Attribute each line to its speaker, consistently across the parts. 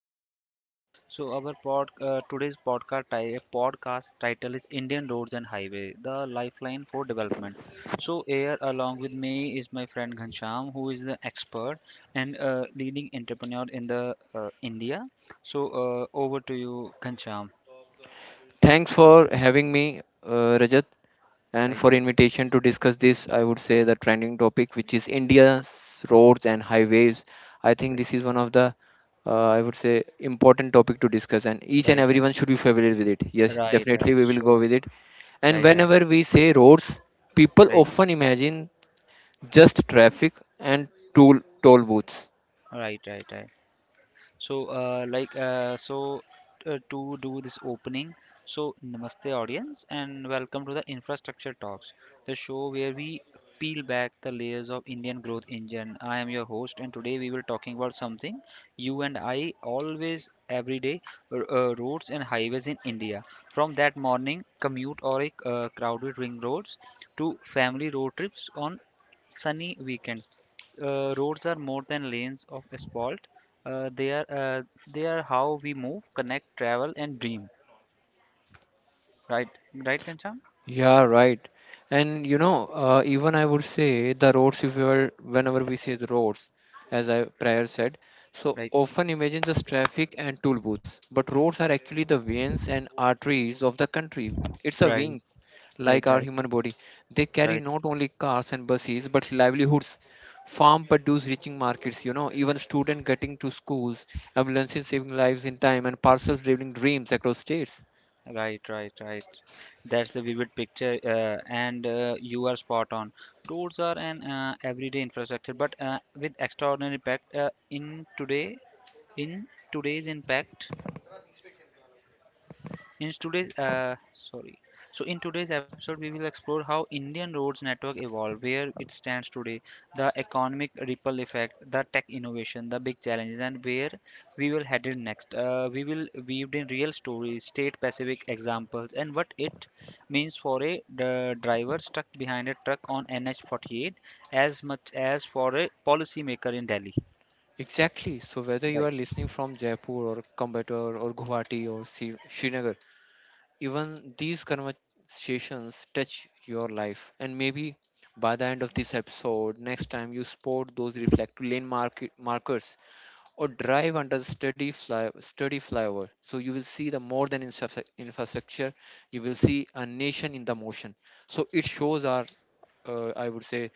Speaker 1: podcast. Today's podcast title is Indian Roads and Highway: The Lifeline for Development. So here along with me is my friend Ghanshyam, who is the expert and leading entrepreneur in the India. So over to you, Ghanshyam.
Speaker 2: Thanks for having me, Rajat, and
Speaker 1: Right,
Speaker 2: for invitation to discuss this. I would say the trending topic, which is India's roads and highways. I think
Speaker 1: right,
Speaker 2: this is one of the, I would say, important topic to discuss, and each and
Speaker 1: right, right,
Speaker 2: everyone should be familiar with it. Yes,
Speaker 1: right,
Speaker 2: definitely
Speaker 1: right.
Speaker 2: we will go
Speaker 1: So,
Speaker 2: with it. And
Speaker 1: right, right,
Speaker 2: whenever we say roads, people
Speaker 1: right,
Speaker 2: often imagine just traffic and toll booths.
Speaker 1: right, right, right. So, to do this opening, so namaste, audience, and welcome to the Infrastructure Talks, the show where we peel back the layers of Indian growth engine. I am your host, and today we will talking about something you and I always every day, roads and highways in India. From that morning commute or a crowded ring roads to family road trips on sunny weekends, roads are more than lanes of asphalt. Uh, they are uh, they are how we move, connect, travel, and dream. Right, right, Kancham.
Speaker 2: Yeah, right. And you know, even I would say the roads, if you are, whenever we say the roads, as I prior said, so
Speaker 1: Right,
Speaker 2: often imagine just traffic and tool booths, but roads are actually the veins and arteries of the country. It's a
Speaker 1: right,
Speaker 2: veins,
Speaker 1: right,
Speaker 2: like our
Speaker 1: right,
Speaker 2: human body. They carry
Speaker 1: right,
Speaker 2: not only cars and buses, but livelihoods, farm produce reaching markets, you know, even student getting to schools, ambulances saving lives in time, and parcels delivering dreams across states.
Speaker 1: right, right, right. That's the vivid picture, and you are spot on. Roads are an everyday infrastructure, but with extraordinary impact in today's impact In today's uh, sorry, so in today's episode, we will explore how Indian roads network evolved, where it stands today, the economic ripple effect, the tech innovation, the big challenges, and where we will headed next. We will weave in real stories, state-specific examples, and what it means for a driver stuck behind a truck on NH48, as much as for a policymaker in Delhi.
Speaker 2: Exactly. So whether you are
Speaker 1: Right.
Speaker 2: listening from Jaipur or Coimbatore or Guwahati or Srinagar, even these conversations touch your life. And maybe by the end of this episode, next time you spot those reflective lane market markers or drive under the sturdy flyover, so you will see the more than infrastructure. You will see a nation in the motion. So it shows our, I would say,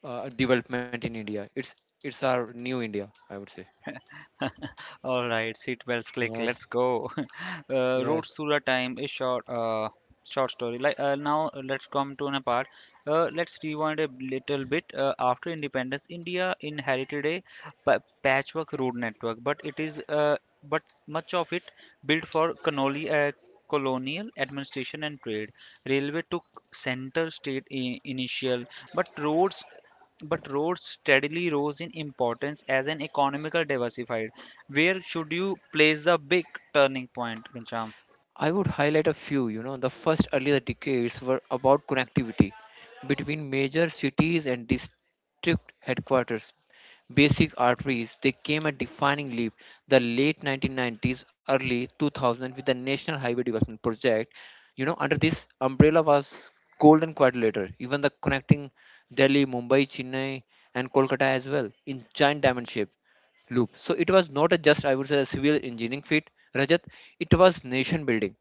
Speaker 2: development in India. It's our new India, I would say.
Speaker 1: All right, seat belts click.
Speaker 2: Yes.
Speaker 1: Let's go.
Speaker 2: Yes,
Speaker 1: Roots through the time is short. Short story. Like, now, let's come to an part. Let's rewind a little bit. After independence, India inherited a patchwork road network, but much of it built for colonial administration and trade. Railway took center state in, initial, but roads but roads steadily rose in importance as an economical diversified. Where should you place the big turning point, Ghanshyam?
Speaker 2: I would highlight a few. You know, the first earlier decades were about connectivity between major cities and district headquarters. Basic arteries, they came a defining leap. The late 1990s, early 2000 with the National Highway Development Project. You know, under this umbrella was Golden Quadrilateral, even the connecting Delhi, Mumbai, Chennai, and Kolkata as well in giant diamond shape loop. So it was not a just I would say a civil engineering feat, Rajat. It was nation building.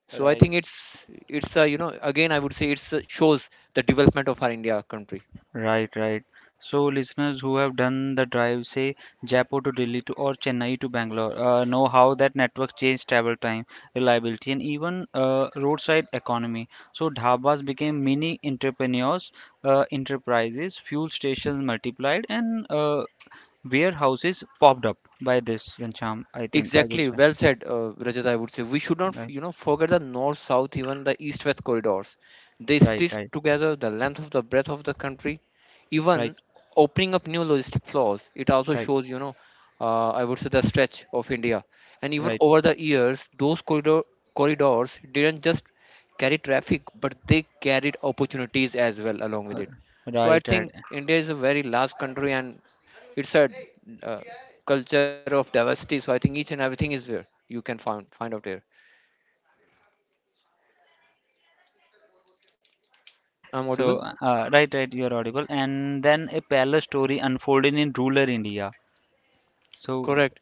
Speaker 2: So I think
Speaker 1: Right.
Speaker 2: it's a, you know, again I would say it's a, shows the development of our India country.
Speaker 1: Right, right. So listeners who have done the drive, say Jaipur to Delhi to or Chennai to Bangalore, know how that network changed travel time, reliability, and even roadside economy. So dhabas became mini entrepreneurs, enterprises, fuel stations multiplied, and warehouses popped up by this. Gancham, I think I would
Speaker 2: Exactly,
Speaker 1: say.
Speaker 2: well said, Rajat. I would say we should not,
Speaker 1: Right,
Speaker 2: you know, forget the north-south, even the east-west corridors. They
Speaker 1: right,
Speaker 2: stitch
Speaker 1: right,
Speaker 2: together the length of the breadth of the country,
Speaker 1: right,
Speaker 2: even opening up new logistic flows. It also
Speaker 1: right,
Speaker 2: shows, you know, I would say the stretch of India. And even
Speaker 1: right,
Speaker 2: over the years, those corridors didn't just carry traffic, but they carried opportunities as well along with
Speaker 1: uh,
Speaker 2: it. So I
Speaker 1: right, right.
Speaker 2: think India is a very large country, and it's a uh, culture of diversity. So I think each and everything is there. You can find out there. I'm audible.
Speaker 1: So, right, right, you are audible. And then a parallel story unfolded in rural India. So,
Speaker 2: Correct.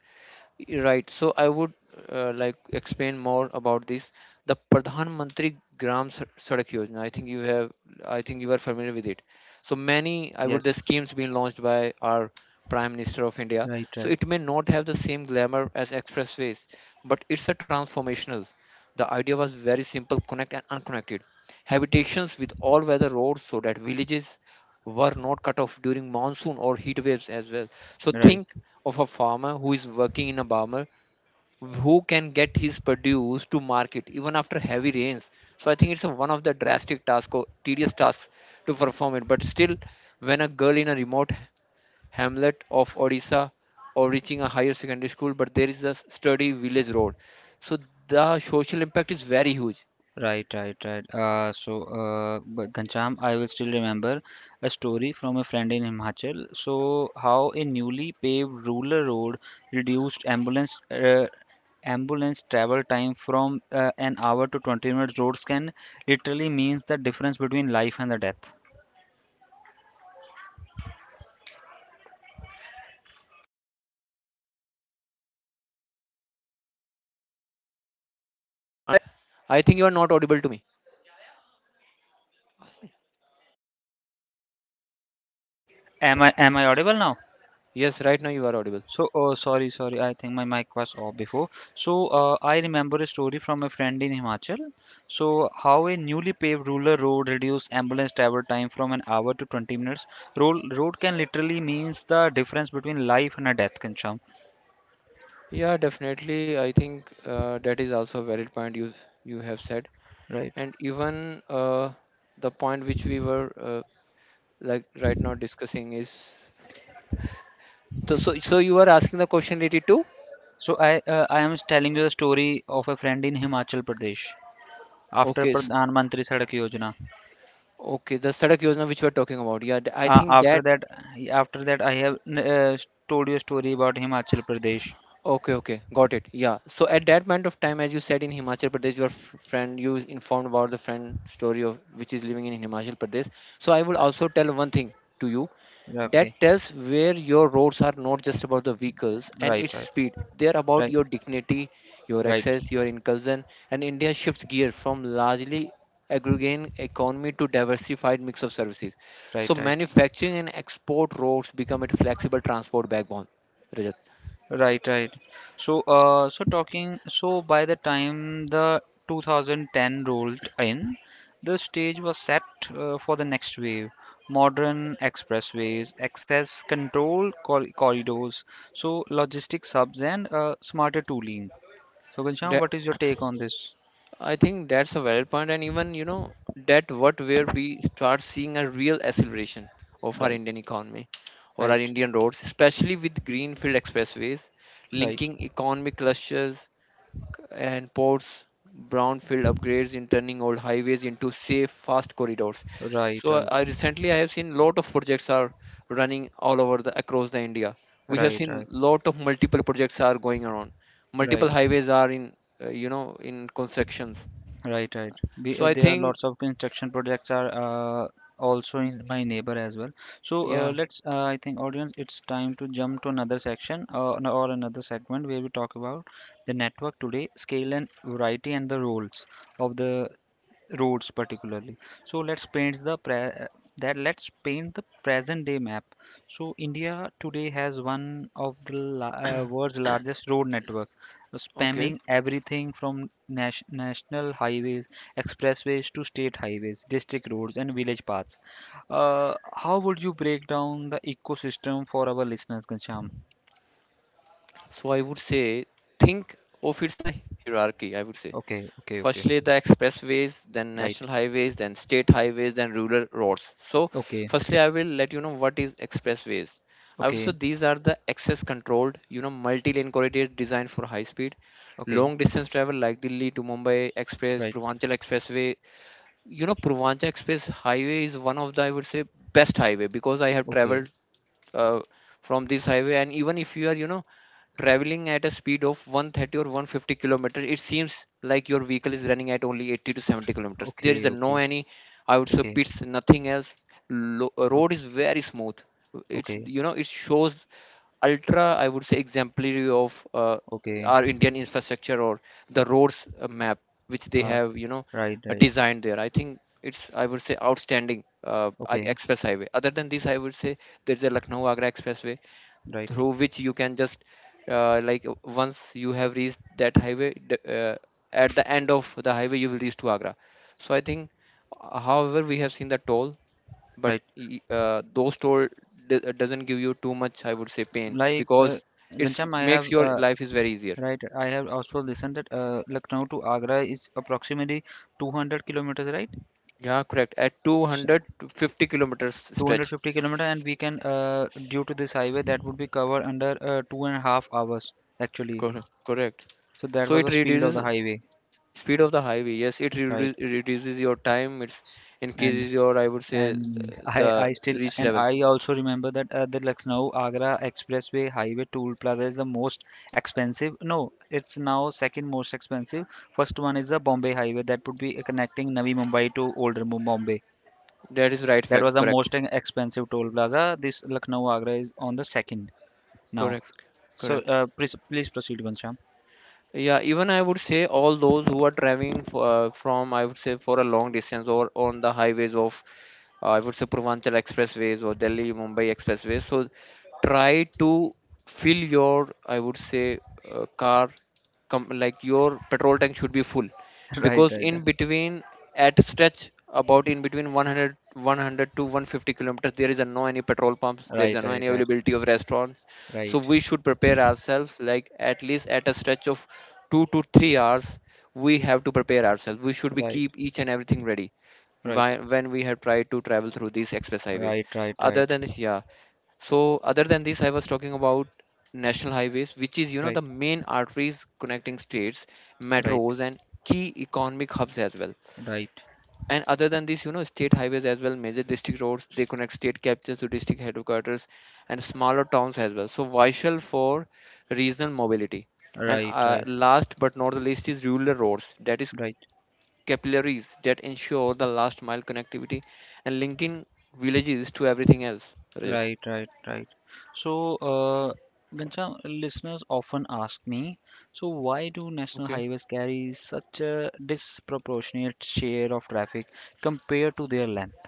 Speaker 2: Right. So I would like explain more about this. The Pradhan Mantri Gram Sadak Yojana. I think you are familiar with it. So many, I would
Speaker 1: yes,
Speaker 2: the schemes being launched by our Prime Minister of India.
Speaker 1: right,
Speaker 2: So
Speaker 1: right,
Speaker 2: it may not have the same glamour as expressways, but it's a transformational. The idea was very simple: connect and unconnected habitations with all-weather roads, so that villages were not cut off during monsoon or heat waves as well. So
Speaker 1: right,
Speaker 2: think of a farmer who is working in a barmer who can get his produce to market even after heavy rains. So I think it's a, one of the drastic task or tedious tasks to perform it. But still, when a girl in a remote hamlet of Odisha or reaching a higher secondary school, but there is a sturdy village road, so the social impact is very huge
Speaker 1: right, right, right. So,
Speaker 2: under
Speaker 1: but
Speaker 2: this. I would
Speaker 1: Ghanshyam, I
Speaker 2: say
Speaker 1: will still remember
Speaker 2: the
Speaker 1: a
Speaker 2: strategy
Speaker 1: story from a friend in Himachal.
Speaker 2: under this
Speaker 1: So,
Speaker 2: scheme.
Speaker 1: how a newly
Speaker 2: So what
Speaker 1: paved
Speaker 2: is point
Speaker 1: rural
Speaker 2: of
Speaker 1: road
Speaker 2: view
Speaker 1: reduced
Speaker 2: of yours, Rajat? Here,
Speaker 1: ambulance travel time from an
Speaker 2: Rajat, I
Speaker 1: hour
Speaker 2: think
Speaker 1: to
Speaker 2: you are
Speaker 1: 20
Speaker 2: not
Speaker 1: minutes.
Speaker 2: audible to
Speaker 1: Roads
Speaker 2: me.
Speaker 1: can literally means the difference between life and the death.
Speaker 2: I think you are not audible to me. I think you are not audible to me.
Speaker 1: Am I audible now?
Speaker 2: Yes, right now you are audible.
Speaker 1: So, oh sorry, sorry. I think my mic was off before. So, I remember a story from a friend in Himachal. So, how a newly paved rural road reduced ambulance travel time from an hour to 20 minutes. Road can literally means the difference between life and a death, Kancham,
Speaker 2: Yeah, definitely. I think that is also a valid point you have said,
Speaker 1: right?
Speaker 2: and even the point which we were like right now discussing is so, so. So you are asking the question related to
Speaker 1: So, I am telling you the story of a friend in Himachal Pradesh after
Speaker 2: okay, s
Speaker 1: Pradhan Mantri Sadak Yojana.
Speaker 2: okay, the Sadak Yojana which we are talking about. Yeah, I
Speaker 1: Uh,
Speaker 2: think
Speaker 1: after
Speaker 2: that
Speaker 1: that, After that, I have told you a story about Himachal Pradesh.
Speaker 2: okay, okay, got it. Yeah. So at that point of time, as you said in Himachal Pradesh, your friend you is informed about the friend story of which is living in Himachal Pradesh. So I will also tell one thing to you that
Speaker 1: Okay,
Speaker 2: tells where your roads are not just about the vehicles and
Speaker 1: right,
Speaker 2: its
Speaker 1: right,
Speaker 2: speed. They are about
Speaker 1: right.
Speaker 2: your dignity, your
Speaker 1: Right.
Speaker 2: access, your inclusion. And India shifts gear from largely agrarian economy to diversified mix of services.
Speaker 1: Right,
Speaker 2: So
Speaker 1: right,
Speaker 2: manufacturing and export roads become a flexible transport backbone. Rajat.
Speaker 1: right, right. So by the time the 2010 rolled in, the stage was set for the next wave. Modern expressways, access control corridors, so logistics hubs and smarter tooling. So, Ghanshyam, what is your take on this?
Speaker 2: I think that's a valid point, and even you know that what where we start seeing a real acceleration of our
Speaker 1: Right,
Speaker 2: Indian economy or our
Speaker 1: right,
Speaker 2: Indian roads, especially with greenfield expressways
Speaker 1: right,
Speaker 2: linking economic clusters and ports, brownfield upgrades in turning old highways into safe, fast corridors.
Speaker 1: right,
Speaker 2: So
Speaker 1: right,
Speaker 2: I recently I have seen lot of projects are running all over the across the India. We have
Speaker 1: right,
Speaker 2: seen
Speaker 1: right,
Speaker 2: lot of multiple projects are going around. Multiple
Speaker 1: right.
Speaker 2: highways are in you know in constructions,
Speaker 1: Right, right.
Speaker 2: so I
Speaker 1: There are
Speaker 2: think,
Speaker 1: lots of construction projects are also in my neighbor as well. So
Speaker 2: yeah,
Speaker 1: I think, audience, it's time to jump to another section or another segment where we talk about the network today, scale and variety, and the roles of the roads particularly. So let's paint the present day map. So India today has one of the world's largest road network,
Speaker 2: okay.
Speaker 1: spamming everything from national highways, expressways to state highways, district roads, and village paths. How would you break down the ecosystem for our listeners, Kancham?
Speaker 2: So I would say, think of it's a hierarchy, I would say.
Speaker 1: Okay, okay, okay,
Speaker 2: Firstly, the expressways, then
Speaker 1: right,
Speaker 2: national highways, then state highways, then rural roads. So,
Speaker 1: okay,
Speaker 2: firstly, I will let you know what is expressways. I would say
Speaker 1: okay,
Speaker 2: these are the access controlled, you know, multi-lane corridors designed for high speed,
Speaker 1: okay,
Speaker 2: long distance travel like Delhi to Mumbai Express,
Speaker 1: right,
Speaker 2: Purvanchal Expressway. You know, Purvanchal Express Highway is one of the, I would say, best highway because I have
Speaker 1: okay,
Speaker 2: traveled uh, from this highway, and even if you are you know traveling at a speed of 130 or 150 kilometers, it seems like your vehicle is running at only 80 to 70 kilometers. There is
Speaker 1: okay,
Speaker 2: a no
Speaker 1: okay,
Speaker 2: any I would say
Speaker 1: okay,
Speaker 2: pits, nothing else. Road is very smooth. It's
Speaker 1: okay.
Speaker 2: you know it shows ultra I would say exemplary of
Speaker 1: Okay.
Speaker 2: our Indian infrastructure or the roads map which they
Speaker 1: Uh,
Speaker 2: have you know
Speaker 1: right, right.
Speaker 2: designed there. I think it's I would say outstanding
Speaker 1: Okay.
Speaker 2: express highway. Other than this I would say there's a Lucknow Agra Expressway
Speaker 1: Right,
Speaker 2: through which you can just like once you have reached that highway, at the end of the highway you will reach to Agra. So I think, however, we have seen the toll, but
Speaker 1: right.
Speaker 2: those toll doesn't give you too much, I would say, pain
Speaker 1: Like,
Speaker 2: because it
Speaker 1: Ghanshyam, I
Speaker 2: makes
Speaker 1: have
Speaker 2: your life is very easier.
Speaker 1: right. I have also listened that Lucknow to Agra is approximately 200 kilometers, right?
Speaker 2: Yeah, correct. At
Speaker 1: S-
Speaker 2: 250 kilometers stretch.
Speaker 1: 250 kilometer, and we can due to this highway that would be covered under 2.5 hours actually.
Speaker 2: Correct. Correct.
Speaker 1: So
Speaker 2: So
Speaker 1: that
Speaker 2: it
Speaker 1: was the speed of the
Speaker 2: reduces
Speaker 1: highway,
Speaker 2: speed of the highway, yes, it
Speaker 1: right?
Speaker 2: reduces your time. It
Speaker 1: And
Speaker 2: increases your, I would say,
Speaker 1: And I,
Speaker 2: the
Speaker 1: I still
Speaker 2: reach
Speaker 1: and
Speaker 2: level.
Speaker 1: I also remember that the Lucknow Agra Expressway Highway Toll Plaza is the most expensive. No, it's now second most expensive. First one is the Bombay Highway that would be connecting Navi Mumbai to older Bombay.
Speaker 2: That is right
Speaker 1: That was
Speaker 2: fact.
Speaker 1: the
Speaker 2: Correct.
Speaker 1: most expensive toll plaza. This Lucknow Agra is on the second now.
Speaker 2: Correct.
Speaker 1: So
Speaker 2: Correct.
Speaker 1: uh, please, please proceed, Ghanshyam.
Speaker 2: Yeah, even I would say all those who are driving for, from, I would say, for a long distance or on the highways of I would say Purvanchal expressways or Delhi Mumbai expressways. So try to fill your I would say car like your petrol tank should be full
Speaker 1: Right,
Speaker 2: because
Speaker 1: right,
Speaker 2: in between at stretch about in between 100 100 to 150 kilometers there is a no any petrol pumps, there is a
Speaker 1: right,
Speaker 2: no
Speaker 1: right,
Speaker 2: any availability of restaurants,
Speaker 1: right,
Speaker 2: so we should prepare ourselves like at least at a stretch of 2 to 3 hours. We have to prepare ourselves, we should be
Speaker 1: right,
Speaker 2: keep each and everything ready
Speaker 1: right, right,
Speaker 2: when we had tried to travel through these express highways.
Speaker 1: right, right,
Speaker 2: Other
Speaker 1: right,
Speaker 2: than this, yeah, so other than this I was talking about national highways, which is you know
Speaker 1: right,
Speaker 2: the main arteries connecting states,
Speaker 1: right,
Speaker 2: metros, and key economic hubs as well.
Speaker 1: right,
Speaker 2: And other than this you know state highways as well, major district roads. They connect state capitals to district headquarters and smaller towns as well, so vital for regional mobility. And
Speaker 1: right, right, right.
Speaker 2: last but not the least is rural roads, that is
Speaker 1: Right.
Speaker 2: capillaries that ensure the last mile connectivity and linking villages to everything else. Rajat.
Speaker 1: Right, right, right. So, Ghanshyam, listeners often ask me, so why do national
Speaker 2: Okay.
Speaker 1: highways carry such a disproportionate share of traffic compared to their length?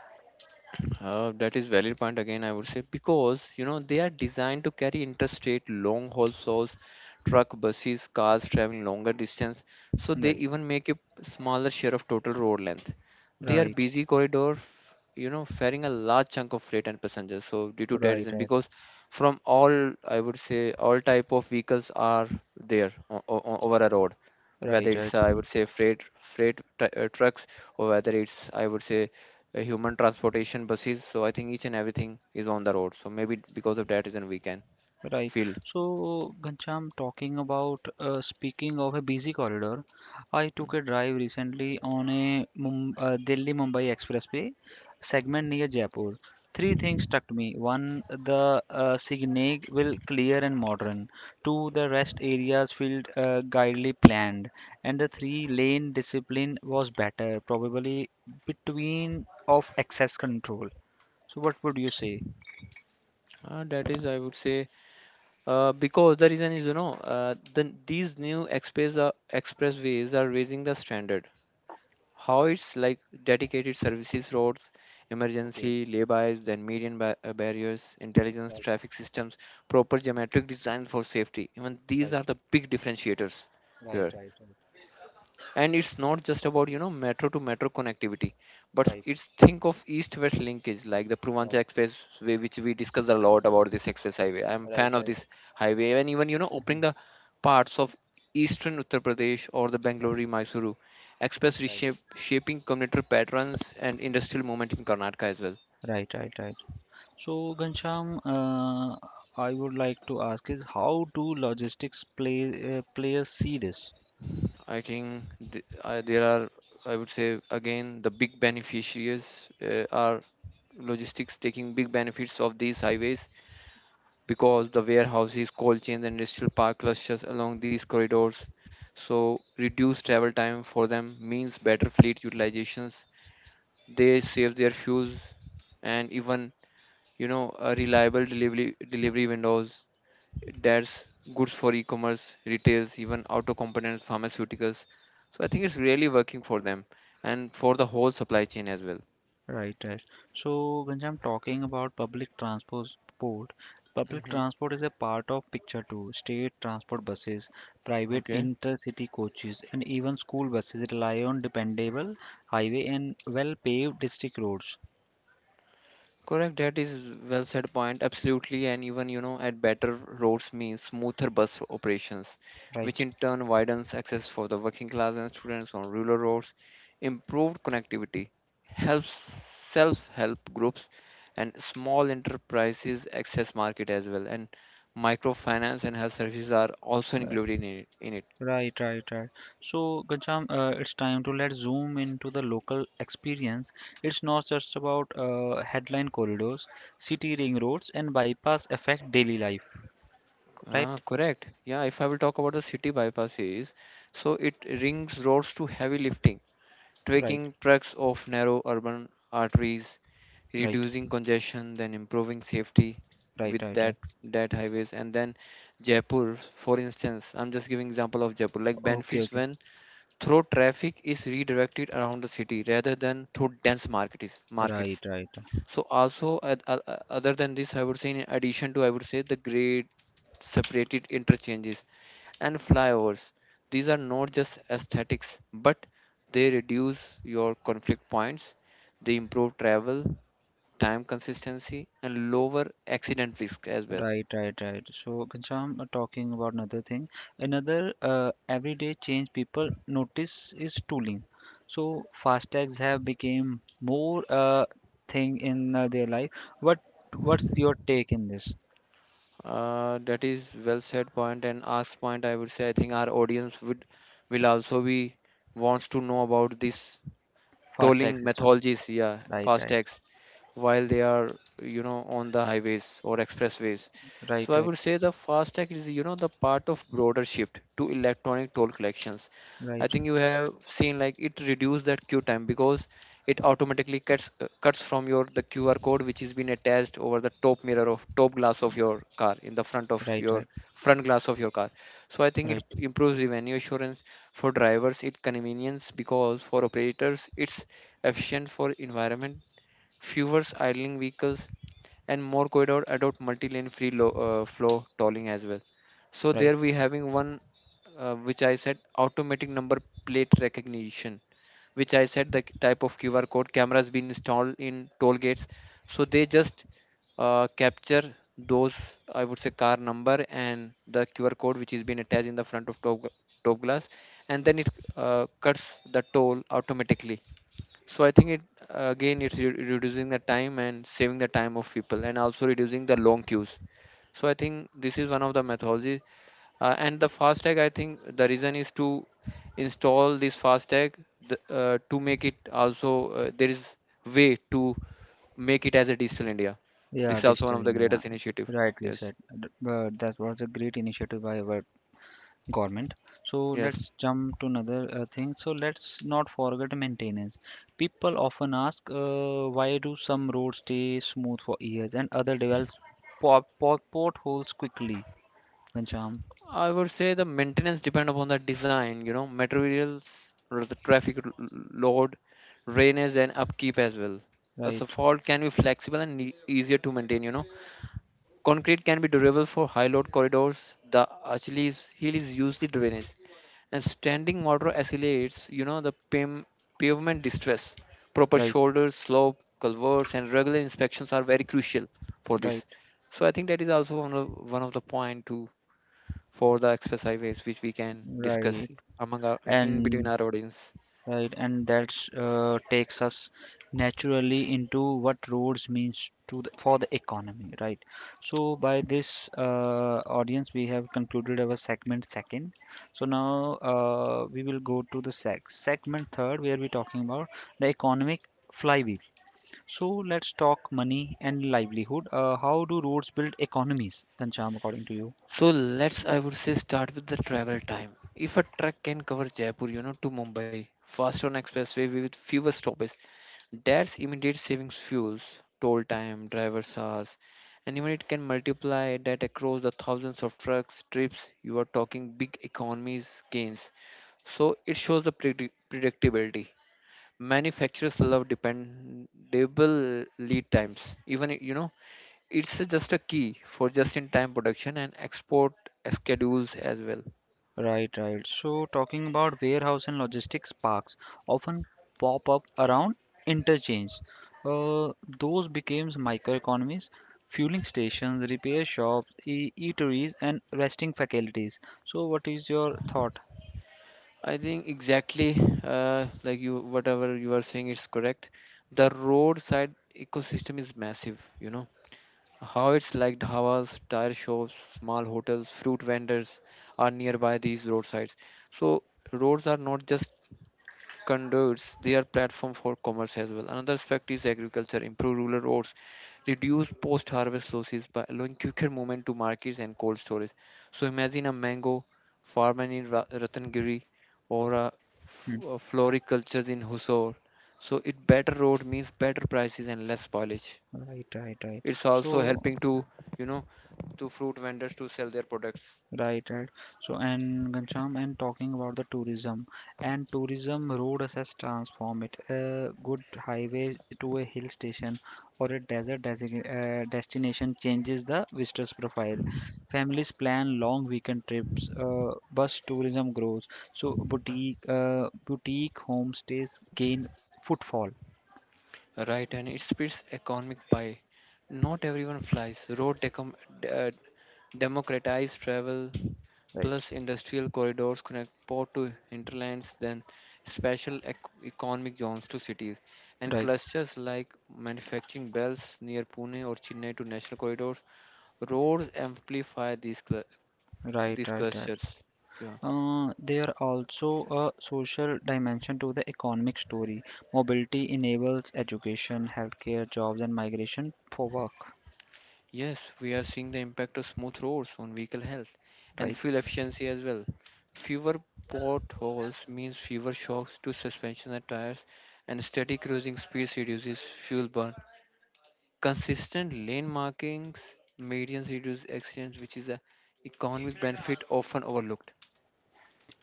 Speaker 2: That is valid point again, I would say, because you know they are designed to carry interstate long haul souls, truck, buses, cars traveling longer distance, so they
Speaker 1: Right,
Speaker 2: even make a smaller share of total road length. They are
Speaker 1: right,
Speaker 2: busy corridor, you know, faring a large chunk of freight and passengers. So due to that
Speaker 1: right,
Speaker 2: reason,
Speaker 1: right,
Speaker 2: because from all I would say all type of vehicles are there over a road, whether
Speaker 1: right,
Speaker 2: it's
Speaker 1: right.
Speaker 2: I would say freight trucks or whether it's I would say human transportation buses. So I think each and everything is on the road, so maybe because of that reason we can
Speaker 1: Right.
Speaker 2: feel.
Speaker 1: So, Ghanshyam, talking about speaking of a busy corridor, I
Speaker 2: Mm.
Speaker 1: took a drive recently on a Mum Delhi-Mumbai expressway segment near Jaipur. Three things struck me. One, the signage will clear and modern. Two, the rest areas felt guidedly planned, and the three-lane discipline was better, probably between of access control. So, what would you say?
Speaker 2: That is I would say because the reason is you know, then these new express expressways are raising the standard. How it's like dedicated services roads,
Speaker 1: Okay.
Speaker 2: emergency laybys, then median barriers, intelligence
Speaker 1: Right.
Speaker 2: traffic systems, proper geometric design for safety, even
Speaker 1: Right.
Speaker 2: these are the big differentiators
Speaker 1: Right.
Speaker 2: here.
Speaker 1: Right. Right.
Speaker 2: And it's not just about you know metro to metro connectivity, but
Speaker 1: Right.
Speaker 2: it's think of east west linkage like the purvancha
Speaker 1: Right,
Speaker 2: expressway which we discussed a lot about. This express highway I'm
Speaker 1: right,
Speaker 2: fan of
Speaker 1: right,
Speaker 2: this highway. And even you know opening the parts of eastern Uttar Pradesh or the
Speaker 1: right,
Speaker 2: Bangalore Mysuru express
Speaker 1: right.
Speaker 2: reshape, shaping commuter patterns and industrial movement in Karnataka as well.
Speaker 1: Right, right, right. So, Ghanshyam, I would like to ask is how do logistics players see this?
Speaker 2: I think there are, I would say, again the big beneficiaries are logistics taking big benefits of these highways, because the warehouses, cold chains, and industrial park clusters along these corridors. So, reduced travel time for them means better fleet utilizations. They save their fuels, and even, you know, a reliable delivery windows. That's goods for e-commerce, retails, even auto components, pharmaceuticals. So, I think it's really working for them and for the whole supply chain as well.
Speaker 1: Right, right. So, Ghanshyam, talking about public
Speaker 2: Hmm.
Speaker 1: transport is a part of picture too. State transport buses, private
Speaker 2: Okay.
Speaker 1: intercity coaches, and even school buses rely on dependable highway and well-paved district roads.
Speaker 2: Correct, that is well said point. Absolutely, and even you know, at better roads means smoother bus operations, which
Speaker 1: Right.
Speaker 2: in turn widens access for the working class and students on rural roads. Improved connectivity helps self-help groups and small enterprises access market as well, and microfinance and health services are also included in it.
Speaker 1: Right, right, right. So, Ghanshyam, it's time to let's zoom into the local experience. It's not just about headline corridors, city ring roads, and bypass affect daily life.
Speaker 2: Ah,
Speaker 1: Right,
Speaker 2: correct. Yeah, if I will talk about the city bypasses, so it rings roads to heavy lifting,
Speaker 1: right,
Speaker 2: taking trucks off narrow urban arteries,
Speaker 1: right,
Speaker 2: reducing congestion, then improving safety
Speaker 1: right,
Speaker 2: with
Speaker 1: right, right.
Speaker 2: that highways. And then Jaipur, for instance, I'm just giving example of Jaipur, like
Speaker 1: Okay,
Speaker 2: benefits
Speaker 1: okay.
Speaker 2: when through traffic is redirected around the city rather than through dense markets
Speaker 1: Right,
Speaker 2: markets.
Speaker 1: right. Right.
Speaker 2: So also other than this, I would say in addition to I would say the great separated interchanges and flyovers. These are not just aesthetics, but they reduce your conflict points, they improve travel, time consistency, and lower accident risk as well.
Speaker 1: Right, right, right. So, Ghanshyam, talking about another thing, another everyday change people notice is tooling. So, fast tags have become more thing in their life. What what's your take in this
Speaker 2: That is well said point and asked point. I would say I think our audience would will also be wants to know about this
Speaker 1: fast tag
Speaker 2: tolling
Speaker 1: system?
Speaker 2: methodologies, yeah,
Speaker 1: Right, right,
Speaker 2: FASTags, while they are, you know, on the highways or expressways.
Speaker 1: right,
Speaker 2: So I
Speaker 1: right,
Speaker 2: would say the FASTag is, you know, the part of broader shift to electronic toll collections. I
Speaker 1: right,
Speaker 2: think you have seen like it reduced that queue time because it automatically cuts from your the QR code which is been attached over the top mirror of top glass of your car in the front of
Speaker 1: right, right,
Speaker 2: your front glass of your car. So I think
Speaker 1: right,
Speaker 2: it improves revenue assurance. For drivers, it's convenience, because for operators, it's efficient for environment. Fewer idling vehicles, and more corridor adopt multi-lane flow tolling as well. So
Speaker 1: right.
Speaker 2: there we having one which I said automatic number plate recognition, which I said the type of QR code cameras been installed in toll gates. So they just capture those, I would say, car number and the QR code which is being attached in the front of top, top glass, and then it cuts the toll automatically. So I think it again it's reducing the time and saving the time of people and also reducing the long queues. So I think this is one of the methodology. And the fast tag, I think the reason is to install this fast tag, the, to make it also there is way to make it as a digital India. This
Speaker 1: Yeah,
Speaker 2: is also one
Speaker 1: Digital
Speaker 2: of the
Speaker 1: India.
Speaker 2: greatest initiative.
Speaker 1: Rightly
Speaker 2: Yes,
Speaker 1: said. But that was a great initiative by our government. So
Speaker 2: yes.
Speaker 1: let's jump to another thing. So let's not forget maintenance. People often ask why do some roads stay smooth for years and other develop potholes quickly, Ganjam?
Speaker 2: I would say the maintenance depend upon the design, you know, materials, the traffic load, drainage, and upkeep as well. A
Speaker 1: Right,
Speaker 2: asphalt can be flexible and easier to maintain, you know. Concrete can be durable for high load corridors. The Achilles heel is usually drainage. And standing water accelerates, you know, the pavement distress. Proper
Speaker 1: right,
Speaker 2: shoulders, slope, culverts, and regular inspections are very crucial for this.
Speaker 1: right,
Speaker 2: So I think that is also one of the point to for the exercises which we can discuss
Speaker 1: right,
Speaker 2: among our in between
Speaker 1: and
Speaker 2: our audience.
Speaker 1: right, and that takes us naturally into what roads means to the, for the economy, right? So by this, audience, we have concluded our segment second. So now, we will go to the segment third, where we're talking about the economic flywheel. So let's talk money and livelihood. How do roads build economies, Kancham, according to you?
Speaker 2: So let's I would say start with the travel time. If a truck can cover Jaipur, you know, to Mumbai, faster on expressway with fewer stoppages, that's immediate savings fuels, toll time, driver's hours, and even it can multiply that across the thousands of trucks trips. You are talking big economies gains. So it shows the predictability. Manufacturers love dependable lead times, even you know it's just a key for just in time production and export schedules as well.
Speaker 1: Right, right. So, talking about warehouse and logistics parks often pop up around interchange. Uh, those became microeconomies, fueling stations, repair shops, e eateries, and resting facilities. So, what is your thought?
Speaker 2: I think exactly, like you whatever you are saying is correct. The roadside ecosystem is massive, you know, how it's like dhavas tire shops small hotels fruit vendors are nearby these roadsides. So roads are not just converts their platform for commerce as well. Another aspect is agriculture, improve rural roads, reduce post-harvest losses by allowing quicker movement to markets and cold storage. So imagine a mango farmer in Ratnagiri or a,
Speaker 1: Hmm.
Speaker 2: a floriculture in Husor. So it better road means better prices and less spoilage.
Speaker 1: Right, right, right.
Speaker 2: It's also
Speaker 1: So,
Speaker 2: helping to you know to fruit vendors to sell their products.
Speaker 1: right, right. So, and Ghanshyam, and talking about the tourism and tourism, road access transform it. A good highway to a hill station or a destination changes the visitor's profile. Families plan long weekend trips. Bus tourism grows. So, boutique homestays gain footfall.
Speaker 2: Right? And it splits economic pie. Not everyone flies. Road uh, democratize travel,
Speaker 1: Right,
Speaker 2: plus industrial corridors connect port to hinterlands, then special economic zones to cities, and
Speaker 1: right,
Speaker 2: clusters like manufacturing belts near Pune or Chennai to national corridors. Roads amplify these cl-
Speaker 1: right,
Speaker 2: these
Speaker 1: right, right.
Speaker 2: clusters. Yeah.
Speaker 1: There also a social dimension to the economic story. Mobility enables education, healthcare, jobs, and migration for work.
Speaker 2: Yes, we are seeing the impact of smooth roads on vehicle health and
Speaker 1: Right,
Speaker 2: fuel efficiency as well. Fewer potholes means fewer shocks to suspension and tires, and steady cruising speeds reduces fuel burn. Consistent lane markings, medians reduce accidents, which is a economic benefit often overlooked.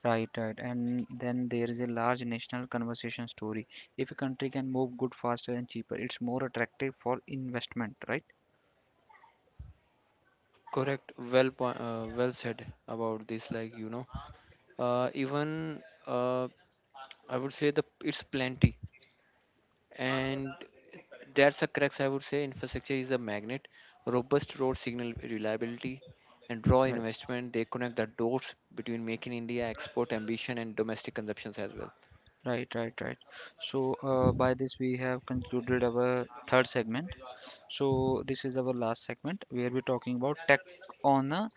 Speaker 1: right, right. And then there is a large national conversation story. If a country can move good faster and cheaper, it's more attractive for investment. Right,
Speaker 2: Correct. Well, well said about this. Like you know, even I would say the it's plenty, and that's a crux, I would say. Infrastructure is a magnet, robust road signal reliability, and raw
Speaker 1: right,
Speaker 2: investment. They connect the dots between making India export ambition and domestic consumptions as well.
Speaker 1: right, right, right. So by this we have concluded our third segment. So, this is our last segment where we're talking about tech on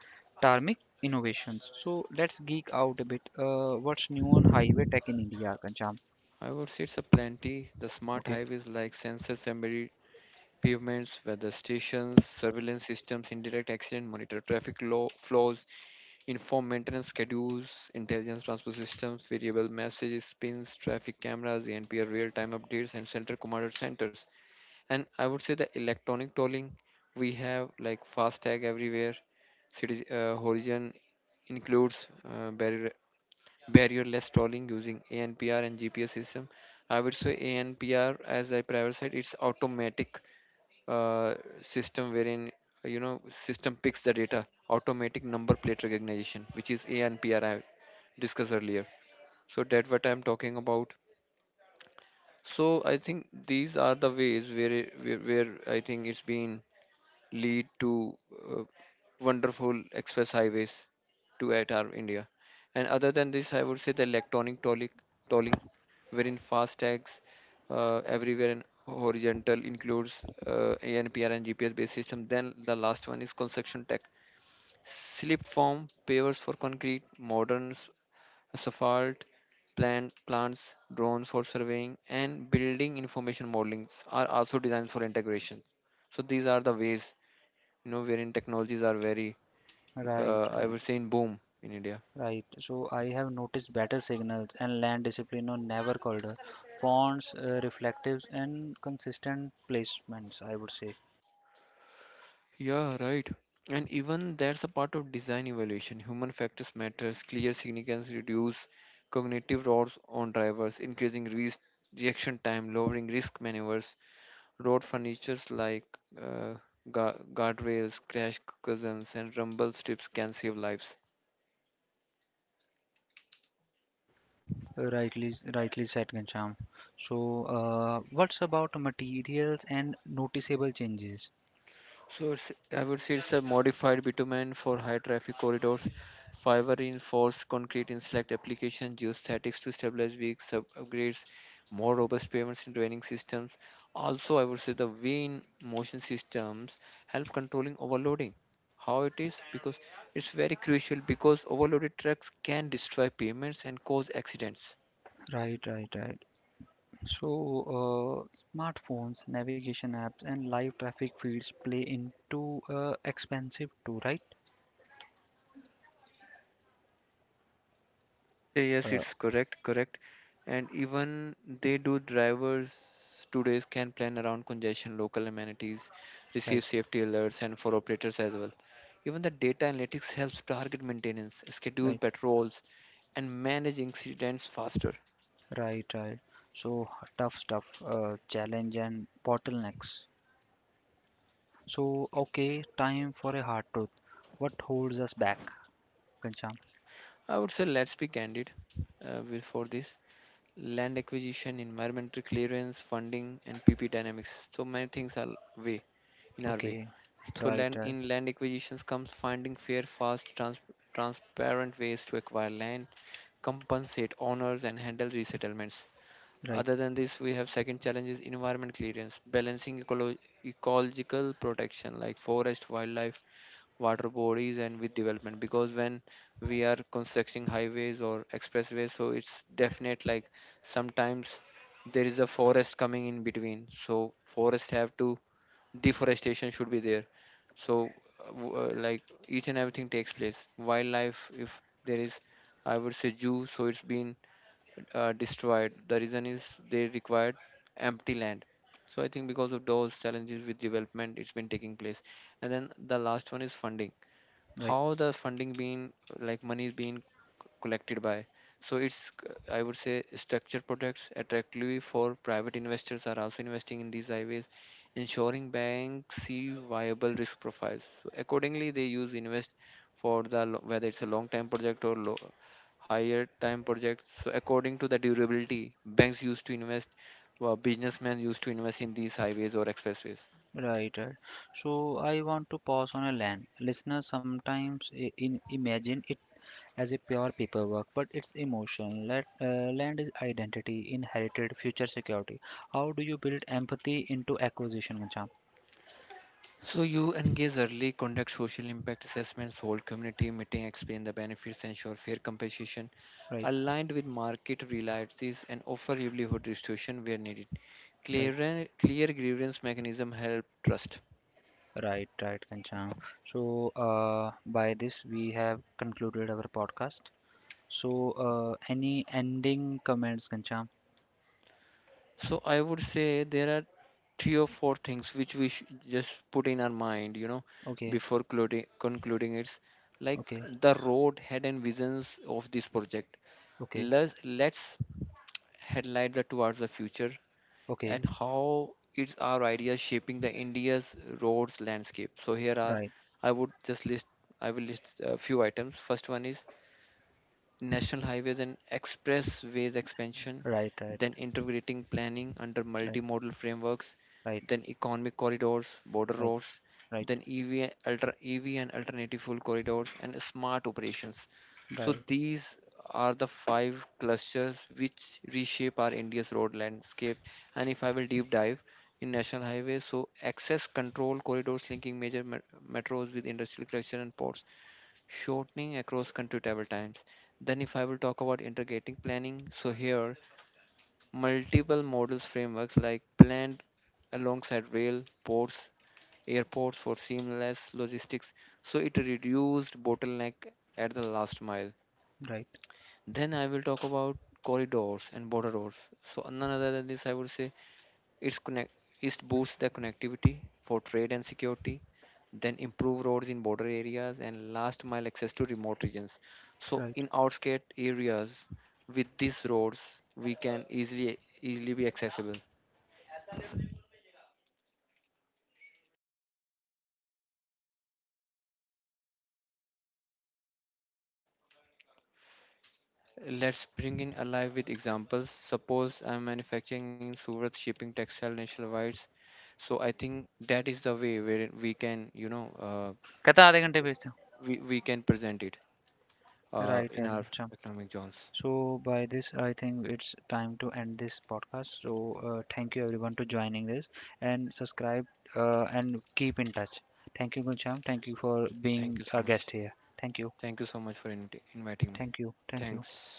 Speaker 1: tarmac innovations. So, let's geek out a bit. What's new on highway tech in India, Kancham?
Speaker 2: I would say it's a plenty. The smart
Speaker 1: Okay,
Speaker 2: highways like sensors embedded pavements, weather stations, surveillance systems, indirect accident monitor traffic law, flows, inform maintenance schedules, intelligence transport systems, variable messages, pins, traffic cameras, ANPR real-time updates, and central command centers. And I would say the electronic tolling, we have like FASTag everywhere. Horizon includes barrierless tolling using ANPR and GPS system. I would say ANPR, as I prior said, it's automatic uh, system wherein, you know, system picks the data automatic number plate recognition, which is ANPR, I discussed earlier. So that what I'm talking about. So I think these are the ways where it, where I think it's been lead to uh, wonderful express highways to at our India. And other than this, I would say the electronic tolling, wherein fast tags everywhere and horizontal includes ANPR and GPS based system. Then the last one is construction tech. Slip form, pavers for concrete, moderns, asphalt, plant, plants, drones for surveying, and building information modelings are also designed for integration. So these are the ways, you know, wherein technologies are very,
Speaker 1: right,
Speaker 2: I would say, in boom in India.
Speaker 1: right. So, I have noticed better signals and land discipline on never corridor, fonts, reflectives, and consistent placements, I would say.
Speaker 2: Yeah, right. And even that's a part of design evaluation. Human factors matters. Clear significance reduce cognitive roles on drivers, increasing risk reaction time, lowering risk maneuvers. Road furnitures like uh, guardrails, crash cushions, and rumble strips can save lives.
Speaker 1: Rightly, rightly said, Gansham. So, what's about materials and noticeable changes?
Speaker 2: So it's, I would say it's a modified bitumen for high traffic corridors, fiber reinforced concrete in select applications, geostatics to stabilize weak sub upgrades, more robust pavements in draining systems. Also, I would say the vane motion systems help controlling overloading. How it is? Because it's very crucial because overloaded trucks can destroy pavements and cause accidents.
Speaker 1: Right, right, right. So, smartphones, navigation apps, and live traffic feeds play into expensive too, right?
Speaker 2: Would say yes,
Speaker 1: Uh,
Speaker 2: it's correct, correct. And even they do drivers today can plan around congestion, local amenities, receive
Speaker 1: Right,
Speaker 2: safety alerts, and for operators as well. Even the data analytics helps target maintenance, schedule
Speaker 1: right,
Speaker 2: patrols, and manage incidents faster.
Speaker 1: right, right. So tough stuff, challenge and bottlenecks. So okay, time for a hard truth. What holds us back, Kancham?
Speaker 2: I would say let's be candid with- for this. Land acquisition, environmental clearance, funding, and PP dynamics. So many things are way in our way.
Speaker 1: Okay,
Speaker 2: So
Speaker 1: right,
Speaker 2: land
Speaker 1: right,
Speaker 2: in land acquisitions comes finding fair, fast, transparent ways to acquire land, compensate owners, and handle resettlements. Other
Speaker 1: right,
Speaker 2: than this, we have second challenge is environment clearance, balancing ecological protection like forest, wildlife, water bodies, and with development. Because when we are constructing highways or expressways, so it's definite like sometimes there is a forest coming in between. So forest have to deforestation should be there, so like each and everything takes place wildlife if there is, I would say, zoo, so it's been destroyed. The reason is they required empty land. So I think because of those challenges with development, it's been taking place. And then the last one is funding,
Speaker 1: right,
Speaker 2: how the funding being, like money is being collected by, so it's I would say structured products attractively for private investors are also investing in these highways, ensuring banks see viable risk profiles so accordingly they use invest for the whether it's a long time project or low, higher time projects so according to the durability banks used to invest, well businessmen used to invest in these highways or expressways.
Speaker 1: right, right. So I want to pause on a land. Listeners, sometimes in imagine it as a pure paperwork, but its emotion, let, land is identity, inherited future security. How do you build empathy into acquisition, Kancham?
Speaker 2: So you engage early, conduct social impact assessments, hold community meeting, explain the benefits, ensure fair compensation,
Speaker 1: Right,
Speaker 2: aligned with market realities, and offer livelihood restoration where needed.
Speaker 1: right,
Speaker 2: Clear grievance mechanism help trust.
Speaker 1: right, right, Kancham. So, by this, we have concluded our podcast. So, any ending comments, Kancham?
Speaker 2: So I would say there are three or four things which we should just put in our mind, you know,
Speaker 1: Okay,
Speaker 2: before concluding it's like
Speaker 1: okay,
Speaker 2: the road head and visions of this project.
Speaker 1: okay,
Speaker 2: Let's headlight the towards the future and
Speaker 1: okay,
Speaker 2: how is our ideas shaping the India's roads landscape. So here are,
Speaker 1: right,
Speaker 2: I would just list, I will list a few items. First one is national highways and expressways expansion,
Speaker 1: right, right,
Speaker 2: then integrating planning under multimodal frameworks,
Speaker 1: right,
Speaker 2: then economic corridors, border
Speaker 1: right,
Speaker 2: roads,
Speaker 1: right,
Speaker 2: then EV and alternative fuel corridors, and smart operations. So
Speaker 1: right, right,
Speaker 2: these are the five clusters which reshape our India's road landscape. And if I will deep dive in national highways, so access control corridors linking major metros with industrial cluster and ports, shortening across country travel times. Then, if I will talk about integrating planning, so here multiple models frameworks like planned alongside rail, ports, airports for seamless logistics. So it reduced bottleneck at the last mile.
Speaker 1: right,
Speaker 2: Then I will talk about corridors and border roads. So none other than this, I would say it's connect it boosts the connectivity for trade and security, then improve roads in border areas and last mile access to remote regions. So
Speaker 1: right.
Speaker 2: in outskirt areas with these roads we can easily be accessible. Let's bring in alive with examples. Suppose I'm manufacturing in Surat, shipping textile nationwide. So I think that is the way where we can, you know,
Speaker 1: कहता आधे घंटे भेजते
Speaker 2: we can present it
Speaker 1: हो
Speaker 2: in
Speaker 1: right
Speaker 2: our
Speaker 1: right.
Speaker 2: economic zones.
Speaker 1: So by this, I think it's time to end this podcast. So thank you everyone to joining this and subscribe, and keep in touch. Thank you, Gulsham. Thank you for
Speaker 2: Thank
Speaker 1: being
Speaker 2: you so
Speaker 1: a
Speaker 2: much.
Speaker 1: guest here. Thank you.
Speaker 2: Thank you so much for inviting me.
Speaker 1: Thank you. Thank you.
Speaker 2: Thanks.